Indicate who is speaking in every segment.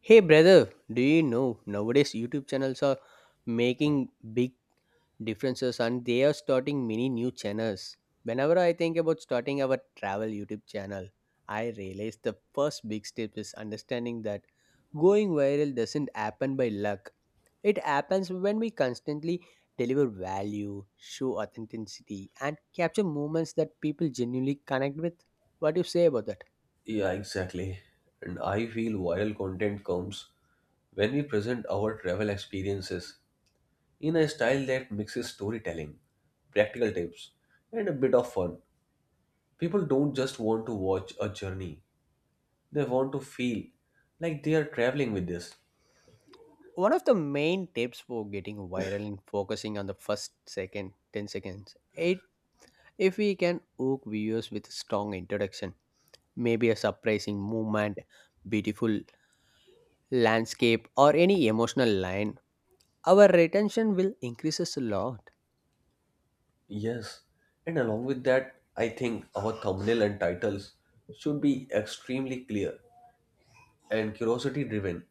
Speaker 1: Hey brother, do you know nowadays YouTube channels are making big differences and they are starting many new channels. Whenever I think about starting our travel YouTube channel, I realize the first big step is understanding that going viral doesn't happen by luck. It happens when we constantly deliver value, show authenticity, and capture moments that people genuinely connect with. What do you say about that?
Speaker 2: Yeah, exactly. And I feel viral content comes when we present our travel experiences in a style that mixes storytelling, practical tips, and a bit of fun. People don't just want to watch a journey, they want to feel like they are traveling with this.
Speaker 1: One of the main tips for getting viral in focusing on the first second 10 seconds. It if we can hook viewers with strong introduction, maybe a surprising movement, beautiful landscape or any emotional line, our retention will increases a lot.
Speaker 2: Yes, and along with that, I think our thumbnail and titles should be extremely clear and curiosity driven.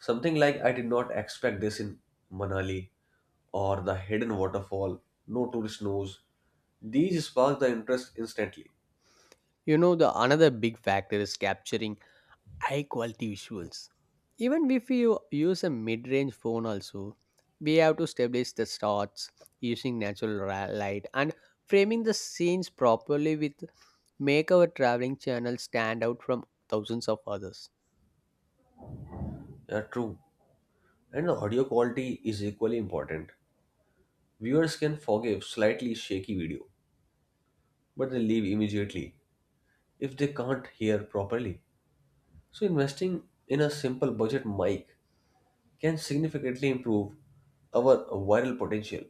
Speaker 2: Something like I did not expect this in Manali or the hidden waterfall, no tourist knows. These spark the interest instantly.
Speaker 1: You know the another big factor is capturing high quality visuals. Even if you use a mid range phone, also, we have to establish the shots using light and framing the scenes properly with make our traveling channel stand out from thousands of others.
Speaker 2: Yeah, true. And the audio quality is equally important. Viewers can forgive slightly shaky video, but they leave immediately if they can't hear properly. So, investing in a simple budget mic can significantly improve our viral potential.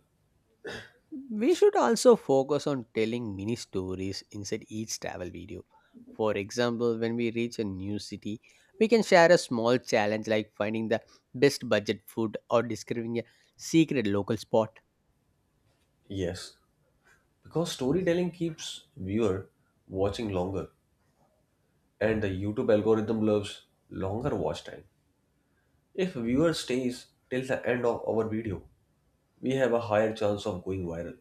Speaker 1: We should also focus on telling mini stories inside each travel video. For example, when we reach a new city, we can share a small challenge like finding the best budget food or discovering a secret local spot.
Speaker 2: Yes, because storytelling keeps viewer watching longer and the YouTube algorithm loves longer watch time. If viewer stays till the end of our video, we have a higher chance of going viral.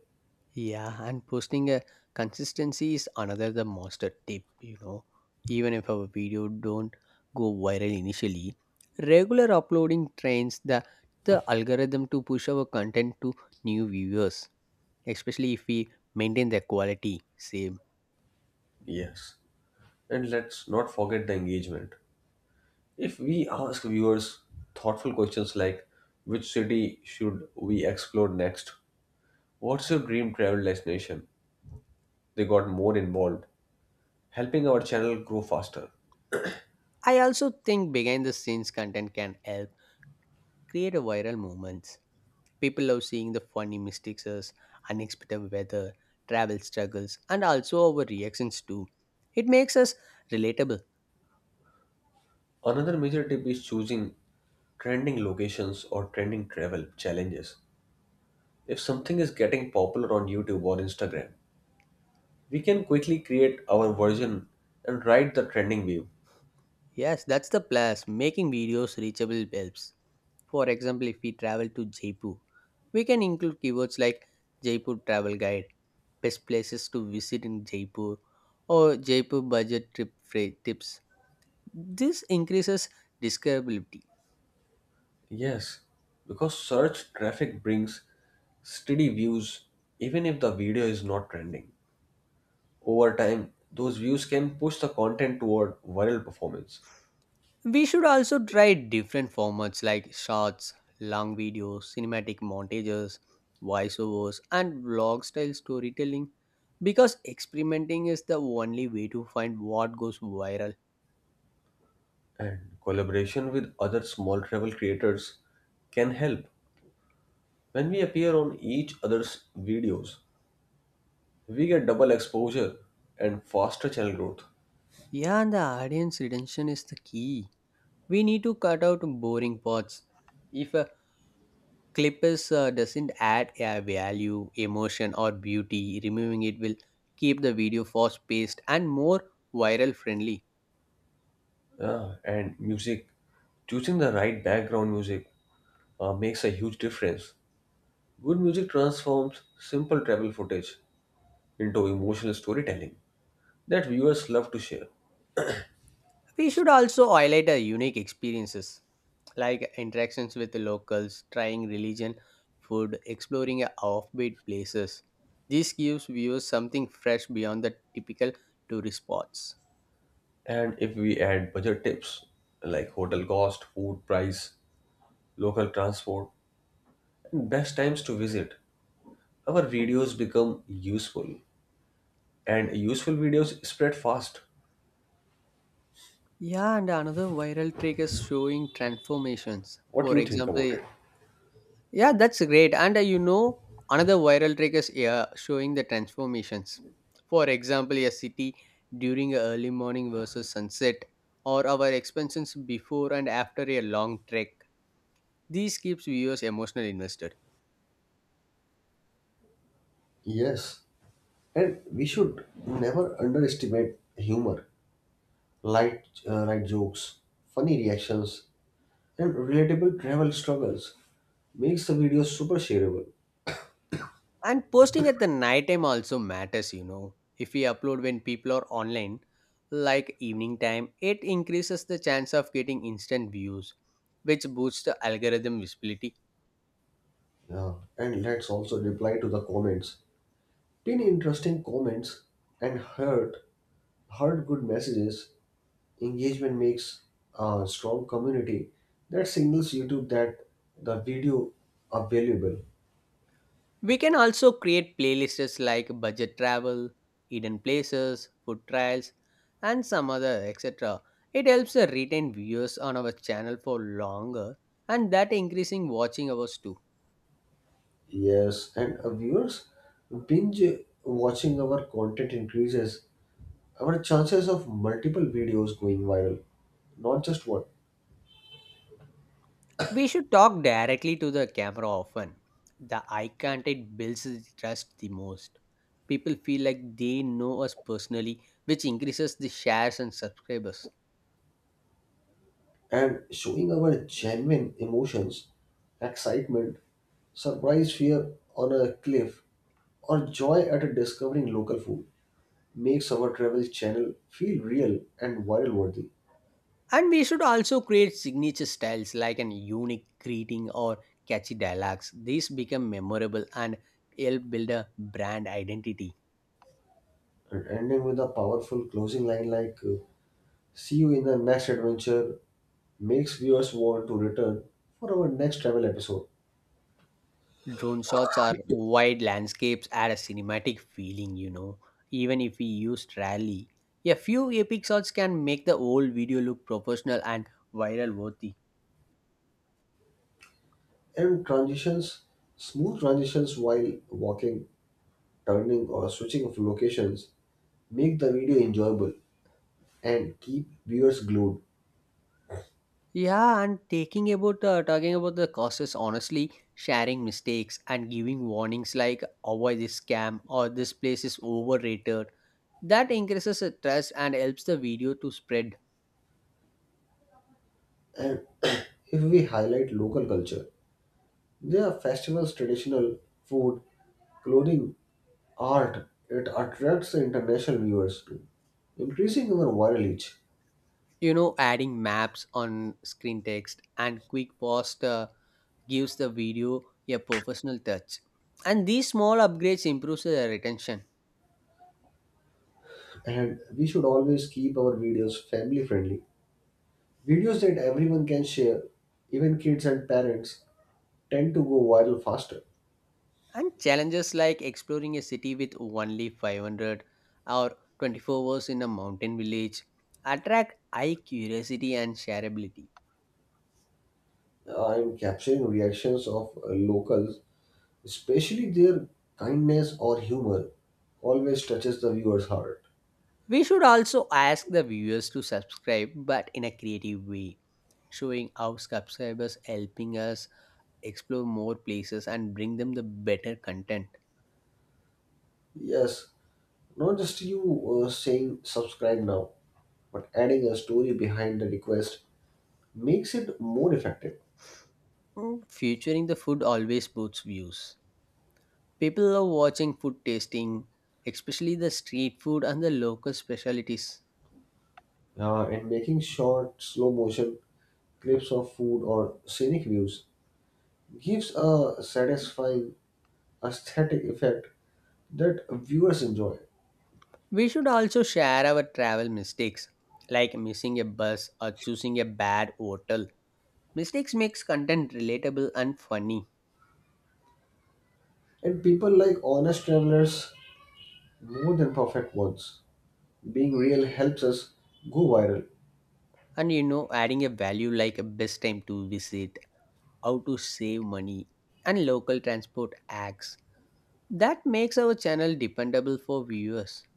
Speaker 1: Yeah, and posting a consistency is another the master tip, you know. Even if our video don't go viral initially, regular uploading trains the algorithm to push our content to new viewers, especially if we maintain the quality same.
Speaker 2: Yes. And let's not forget the engagement. If we ask viewers thoughtful questions like which city should we explore next? What's your dream travel destination? They got more involved, helping our channel grow faster.
Speaker 1: I also think behind the scenes content can help create a viral moments. People love seeing the funny mistakes, unexpected weather, travel struggles, and also our reactions too. It makes us relatable.
Speaker 2: Another major tip is choosing trending locations or trending travel challenges. If something is getting popular on YouTube or Instagram, we can quickly create our version and ride the trending wave.
Speaker 1: Yes, that's the plus. Making videos reachable helps. For example, if we travel to Jaipur, we can include keywords like Jaipur travel guide, best places to visit in Jaipur, or Jaipur budget trip fra- tips. This increases discoverability.
Speaker 2: Yes, because search traffic brings steady views even if the video is not trending. Over time, those views can push the content toward viral performance.
Speaker 1: We should also try different formats like shorts, long videos, cinematic montages, voiceovers, and vlog style storytelling because experimenting is the only way to find what goes viral.
Speaker 2: And collaboration with other small travel creators can help. When we appear on each other's videos, we get double exposure and faster channel growth.
Speaker 1: Yeah, and the audience retention is the key. We need to cut out boring parts. If a clip is, doesn't add a value, emotion, or beauty, removing it will keep the video fast paced and more viral friendly.
Speaker 2: Yeah, and music, choosing the right background music makes a huge difference. Good music transforms simple travel footage into emotional storytelling that viewers love to share.
Speaker 1: We should also highlight our unique experiences like interactions with the locals, trying religion, food, exploring a offbeat places. This gives viewers something fresh beyond the typical tourist spots.
Speaker 2: And if we add budget tips like hotel cost, food price, local transport, and best times to visit, our videos become useful. And useful videos spread fast.
Speaker 1: Yeah, and another viral trick is showing transformations.
Speaker 2: What
Speaker 1: For
Speaker 2: you think about
Speaker 1: example,
Speaker 2: it?
Speaker 1: yeah, that's great. And you know, another viral trick is yeah, showing the transformations. For example, a city during a early morning versus sunset, or our expenses before and after a long trek. These keeps viewers emotionally invested.
Speaker 2: Yes, and we should never underestimate humor, light jokes, funny reactions, and relatable travel struggles. Makes the video super shareable.
Speaker 1: And posting at the night time also matters, you know. If we upload when people are online like evening time, it increases the chance of getting instant views, which boosts the algorithm visibility.
Speaker 2: Yeah, and let's also reply to the comments. Pin interesting comments and heart good messages. Engagement makes a strong community that signals YouTube that the video are valuable.
Speaker 1: We can also create playlists like budget travel, hidden places, food trials, and some other etc. It helps the retain viewers on our channel for longer, and that increasing watching hours too.
Speaker 2: Yes, and viewers, binge watching our content increases our chances of multiple videos going viral, not just one,
Speaker 1: We should talk directly to the camera often. The eye contact builds the trust the most. People feel like they know us personally, which increases the shares and subscribers.
Speaker 2: and showing our genuine emotions, excitement, surprise fear on a cliff, or joy at discovering local food makes our travel channel feel real and viral worthy.
Speaker 1: And we should also create signature styles like an unique greeting or catchy dialogues. These become memorable and help build a brand identity.
Speaker 2: And ending with a powerful closing line like, see you in the next adventure, makes viewers want to return for our next travel episode.
Speaker 1: Drone shots are wide landscapes add a cinematic feeling, you know, even if we used rarely. A few epic shots can make the whole video look professional and viral worthy.
Speaker 2: And transitions, smooth transitions while walking, turning, or switching of locations make the video enjoyable and keep viewers glued.
Speaker 1: Yeah, and taking about talking about the causes, honestly, sharing mistakes and giving warnings like avoid this scam or this place is overrated. That increases the trust and helps the video to spread.
Speaker 2: And if we highlight local culture, there are festivals, traditional food, clothing, art. It attracts international viewers too, increasing our viral reach.
Speaker 1: You know, adding maps on screen text and quick pause gives the video a professional touch. And these small upgrades improves the retention.
Speaker 2: And we should always keep our videos family friendly. Videos that everyone can share, even kids and parents, tend to go viral faster.
Speaker 1: And challenges like exploring a city with only 500 or 24 hours in a mountain village attract eye curiosity and shareability.
Speaker 2: I'm capturing reactions of locals, especially their kindness or humor, always touches the viewer's heart.
Speaker 1: We should also ask the viewers to subscribe but in a creative way, showing how subscribers helping us explore more places and bring them the better content.
Speaker 2: Yes, not just you saying subscribe now, but adding a story behind the request makes it more effective.
Speaker 1: Mm, featuring the food always boosts views. People love watching food tasting, especially the street food and the local specialties.
Speaker 2: And making short, slow motion clips of food or scenic views gives a satisfying aesthetic effect that viewers enjoy.
Speaker 1: We should also share our travel mistakes, like missing a bus or choosing a bad hotel. Mistakes makes content relatable and funny.
Speaker 2: And people like honest travelers more than perfect ones. Being real helps us go viral,
Speaker 1: And you know, adding a value like a best time to visit, how to save money, and local transport acts. That makes our channel dependable for viewers.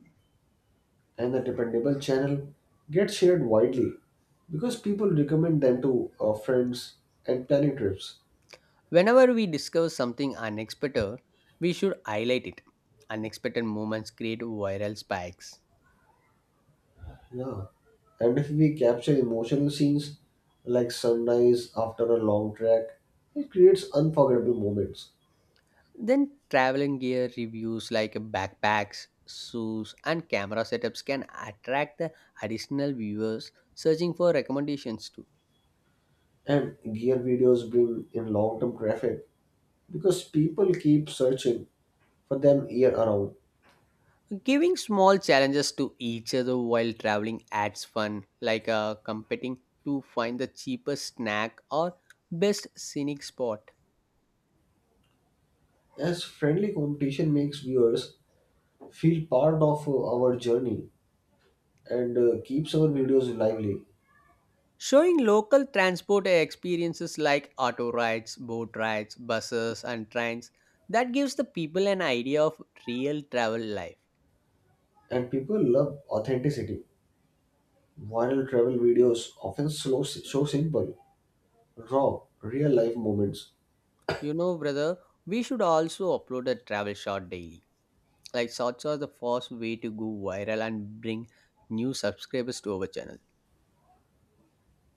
Speaker 2: and the dependable channel gets shared widely because people recommend them to friends and planning trips.
Speaker 1: Whenever we discover something unexpected, we should highlight it. Unexpected moments create viral spikes.
Speaker 2: Yeah. And if we capture emotional scenes like sunrise after a long trek, it creates unforgettable moments.
Speaker 1: Then, traveling gear reviews like backpacks, shoes, and camera setups can attract the additional viewers searching for recommendations too.
Speaker 2: And gear videos bring in long term traffic because people keep searching for them year around.
Speaker 1: Giving small challenges to each other while traveling adds fun, like competing to find the cheapest snack or best scenic spot.
Speaker 2: As friendly competition makes viewers feel part of our journey and keeps our videos lively,
Speaker 1: Showing local transport experiences like auto rides, boat rides, buses, and trains that gives the people an idea of real travel life.
Speaker 2: and people love authenticity. Viral travel videos often slow, show simple, raw, real life moments.
Speaker 1: You know, brother, we should also upload a travel shot daily. Like, shorts are the fast way to go viral and bring new subscribers to our channel.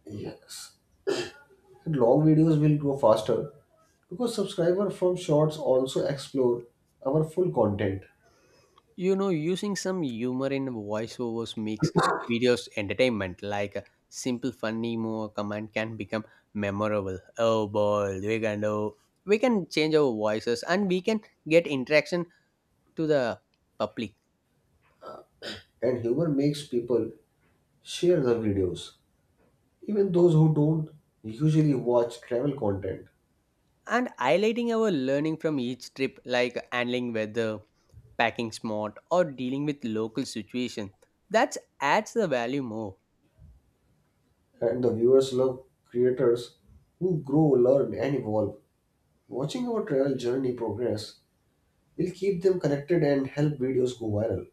Speaker 2: Yes, and long videos will grow faster because subscribers from shorts also explore our full content,
Speaker 1: You know, using some humor in voiceovers makes videos entertainment. Like a simple funny more command can become memorable. Oh boy, we can do. We can change our voices and we can get interaction to the public.
Speaker 2: and humor makes people share the videos. Even those who don't usually watch travel content
Speaker 1: And highlighting our learning from each trip, like handling weather, packing smart, or dealing with local situation, that adds the value more.
Speaker 2: and the viewers love creators who grow, learn, and evolve. Watching our travel journey progress will keep them connected and help videos go viral.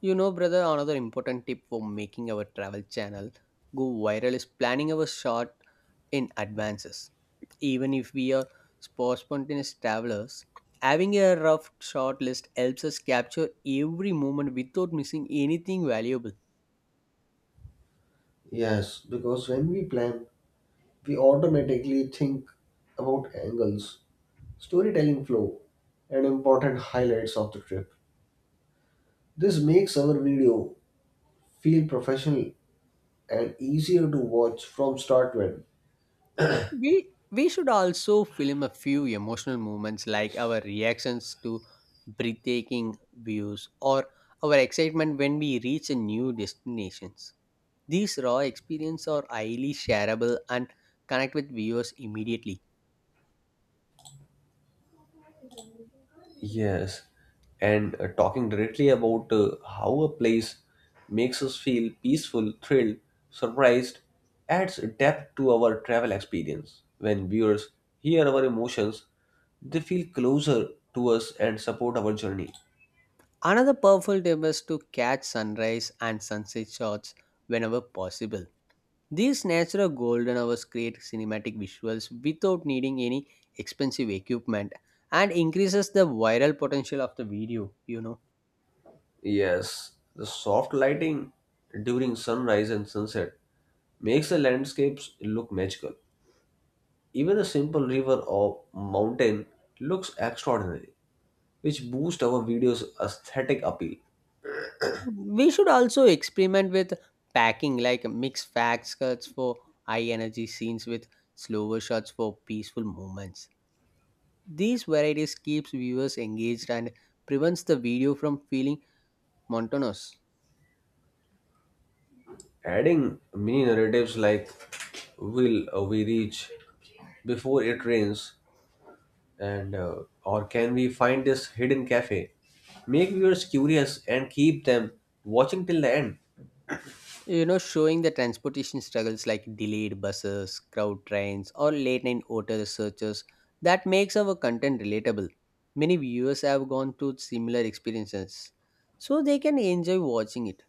Speaker 1: You know, brother, another important tip for making our travel channel go viral is planning our short in advances. Even if we are spontaneous travelers, having a rough short list helps us capture every moment without missing anything valuable.
Speaker 2: Yes, because when we plan, we automatically think about angles, storytelling flow, and important highlights of the trip. This makes our video feel professional and easier to watch from start to end.
Speaker 1: We should also film a few emotional moments like our reactions to breathtaking views or our excitement when we reach a new destinations. These raw experiences are highly shareable and connect with viewers immediately.
Speaker 2: Yes, and talking directly about how a place makes us feel peaceful, thrilled, surprised adds depth to our travel experience. When viewers hear our emotions, they feel closer to us and support our journey.
Speaker 1: Another powerful tip is to catch sunrise and sunset shots whenever possible. These natural golden hours create cinematic visuals without needing any expensive equipment and increases the viral potential of the video, you know.
Speaker 2: Yes, the soft lighting during sunrise and sunset makes the landscapes look magical. Even a simple river or mountain looks extraordinary, which boost our video's aesthetic appeal.
Speaker 1: We should also experiment with packing like mix fast cuts for high energy scenes with slower shots for peaceful moments. These varieties keeps viewers engaged and prevents the video from feeling monotonous.
Speaker 2: Adding mini narratives like will we reach before it rains and or can we find this hidden cafe make viewers curious and keep them watching till the end.
Speaker 1: You know, showing the transportation struggles like delayed buses, crowd trains, or late night hotel searches, that makes our content relatable. Many viewers have gone through similar experiences, so they can enjoy watching it.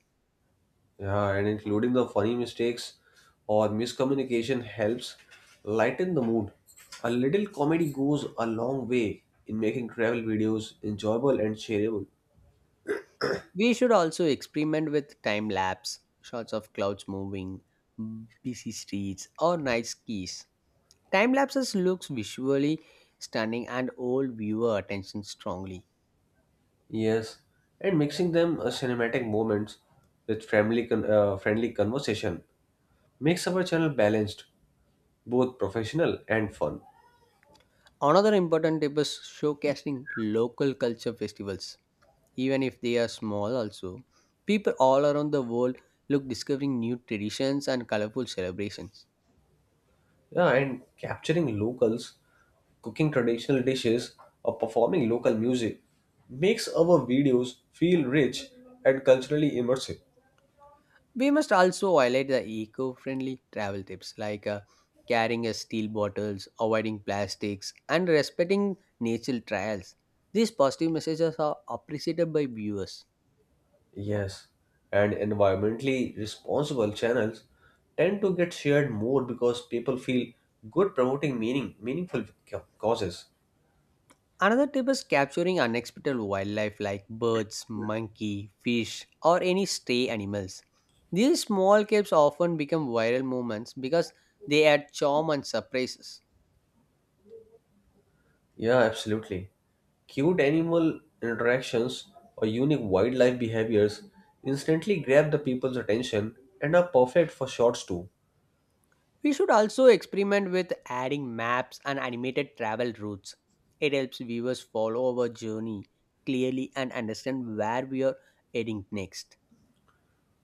Speaker 2: Yeah, and including the funny mistakes or miscommunication helps lighten the mood. A little comedy goes a long way in making travel videos enjoyable and shareable.
Speaker 1: We should also experiment with time lapse shots of clouds moving, busy streets, or night skis. Time lapses looks visually stunning and hold viewer attention strongly.
Speaker 2: Yes, and mixing them cinematic moments with friendly conversation makes our channel balanced, both professional and fun.
Speaker 1: Another important tip is showcasing local culture festivals, even if they are small also. People all around the world look discovering new traditions and colorful celebrations.
Speaker 2: Yeah, and capturing locals, cooking traditional dishes, or performing local music makes our videos feel rich and culturally immersive.
Speaker 1: We must also highlight the eco-friendly travel tips like carrying a steel bottles, avoiding plastics, and respecting nature trials. These positive messages are appreciated by viewers.
Speaker 2: Yes, and environmentally responsible channels tend to get shared more because people feel good promoting meaningful causes.
Speaker 1: Another tip is capturing unexpected wildlife like birds, monkey, fish, or any stray animals. These small clips often become viral moments because they add charm and surprises.
Speaker 2: Yeah, absolutely. Cute animal interactions or unique wildlife behaviors instantly grab the people's attention and are perfect for shorts too.
Speaker 1: We should also experiment with adding maps and animated travel routes. It helps viewers follow our journey clearly and understand where we are heading next.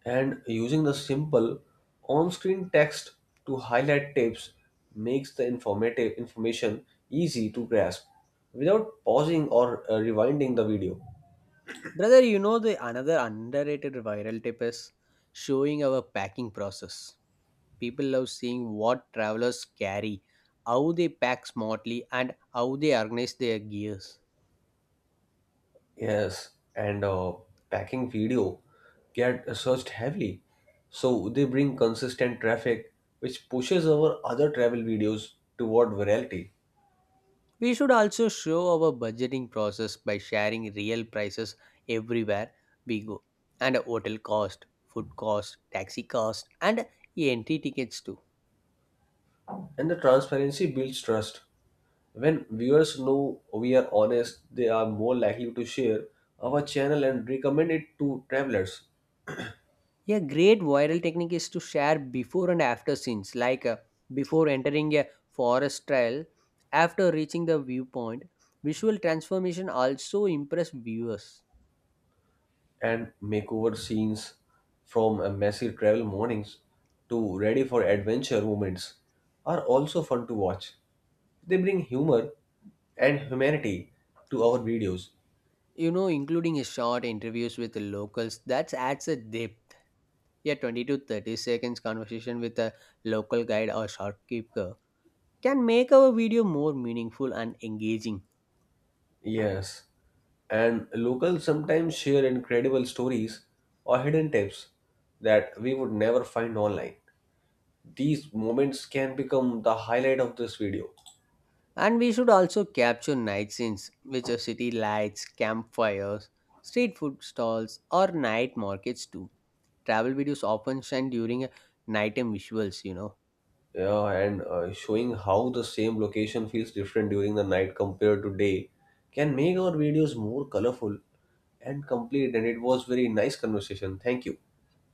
Speaker 2: And using the simple on-screen text to highlight tips makes the informative information easy to grasp without pausing or rewinding the video.
Speaker 1: Brother, you know the another underrated viral tip is showing our packing process. People love seeing what travelers carry, how they pack smartly, and how they organize their gears.
Speaker 2: Yes, and packing video get searched heavily. So they bring consistent traffic, which pushes our other travel videos toward virality.
Speaker 1: We should also show our budgeting process by sharing real prices everywhere we go, and hotel cost, food cost, taxi cost, and entry tickets too.
Speaker 2: And the transparency builds trust. When viewers know we are honest, they are more likely to share our channel and recommend it to travelers.
Speaker 1: A great viral technique is to share before and after scenes, like before entering a forest trail, after reaching the viewpoint. Visual transformation also impress viewers.
Speaker 2: And makeover scenes from messy travel mornings to ready for adventure moments are also fun to watch. They bring humor and humanity to our videos.
Speaker 1: You know, including a short interviews with the locals, that adds a depth. A 20 to 30 seconds conversation with a local guide or shopkeeper can make our video more meaningful and engaging.
Speaker 2: Yes. And locals sometimes share incredible stories or hidden tips that we would never find online. These moments can become the highlight of this video.
Speaker 1: And we should also capture night scenes, which are city lights, campfires, street food stalls, or night markets too. Travel videos often shine during a nighttime visuals, you know.
Speaker 2: Yeah, and showing how the same location feels different during the night compared to day can make our videos more colorful and complete. And it was very nice conversation. Thank you.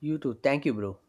Speaker 1: You too. Thank you, bro.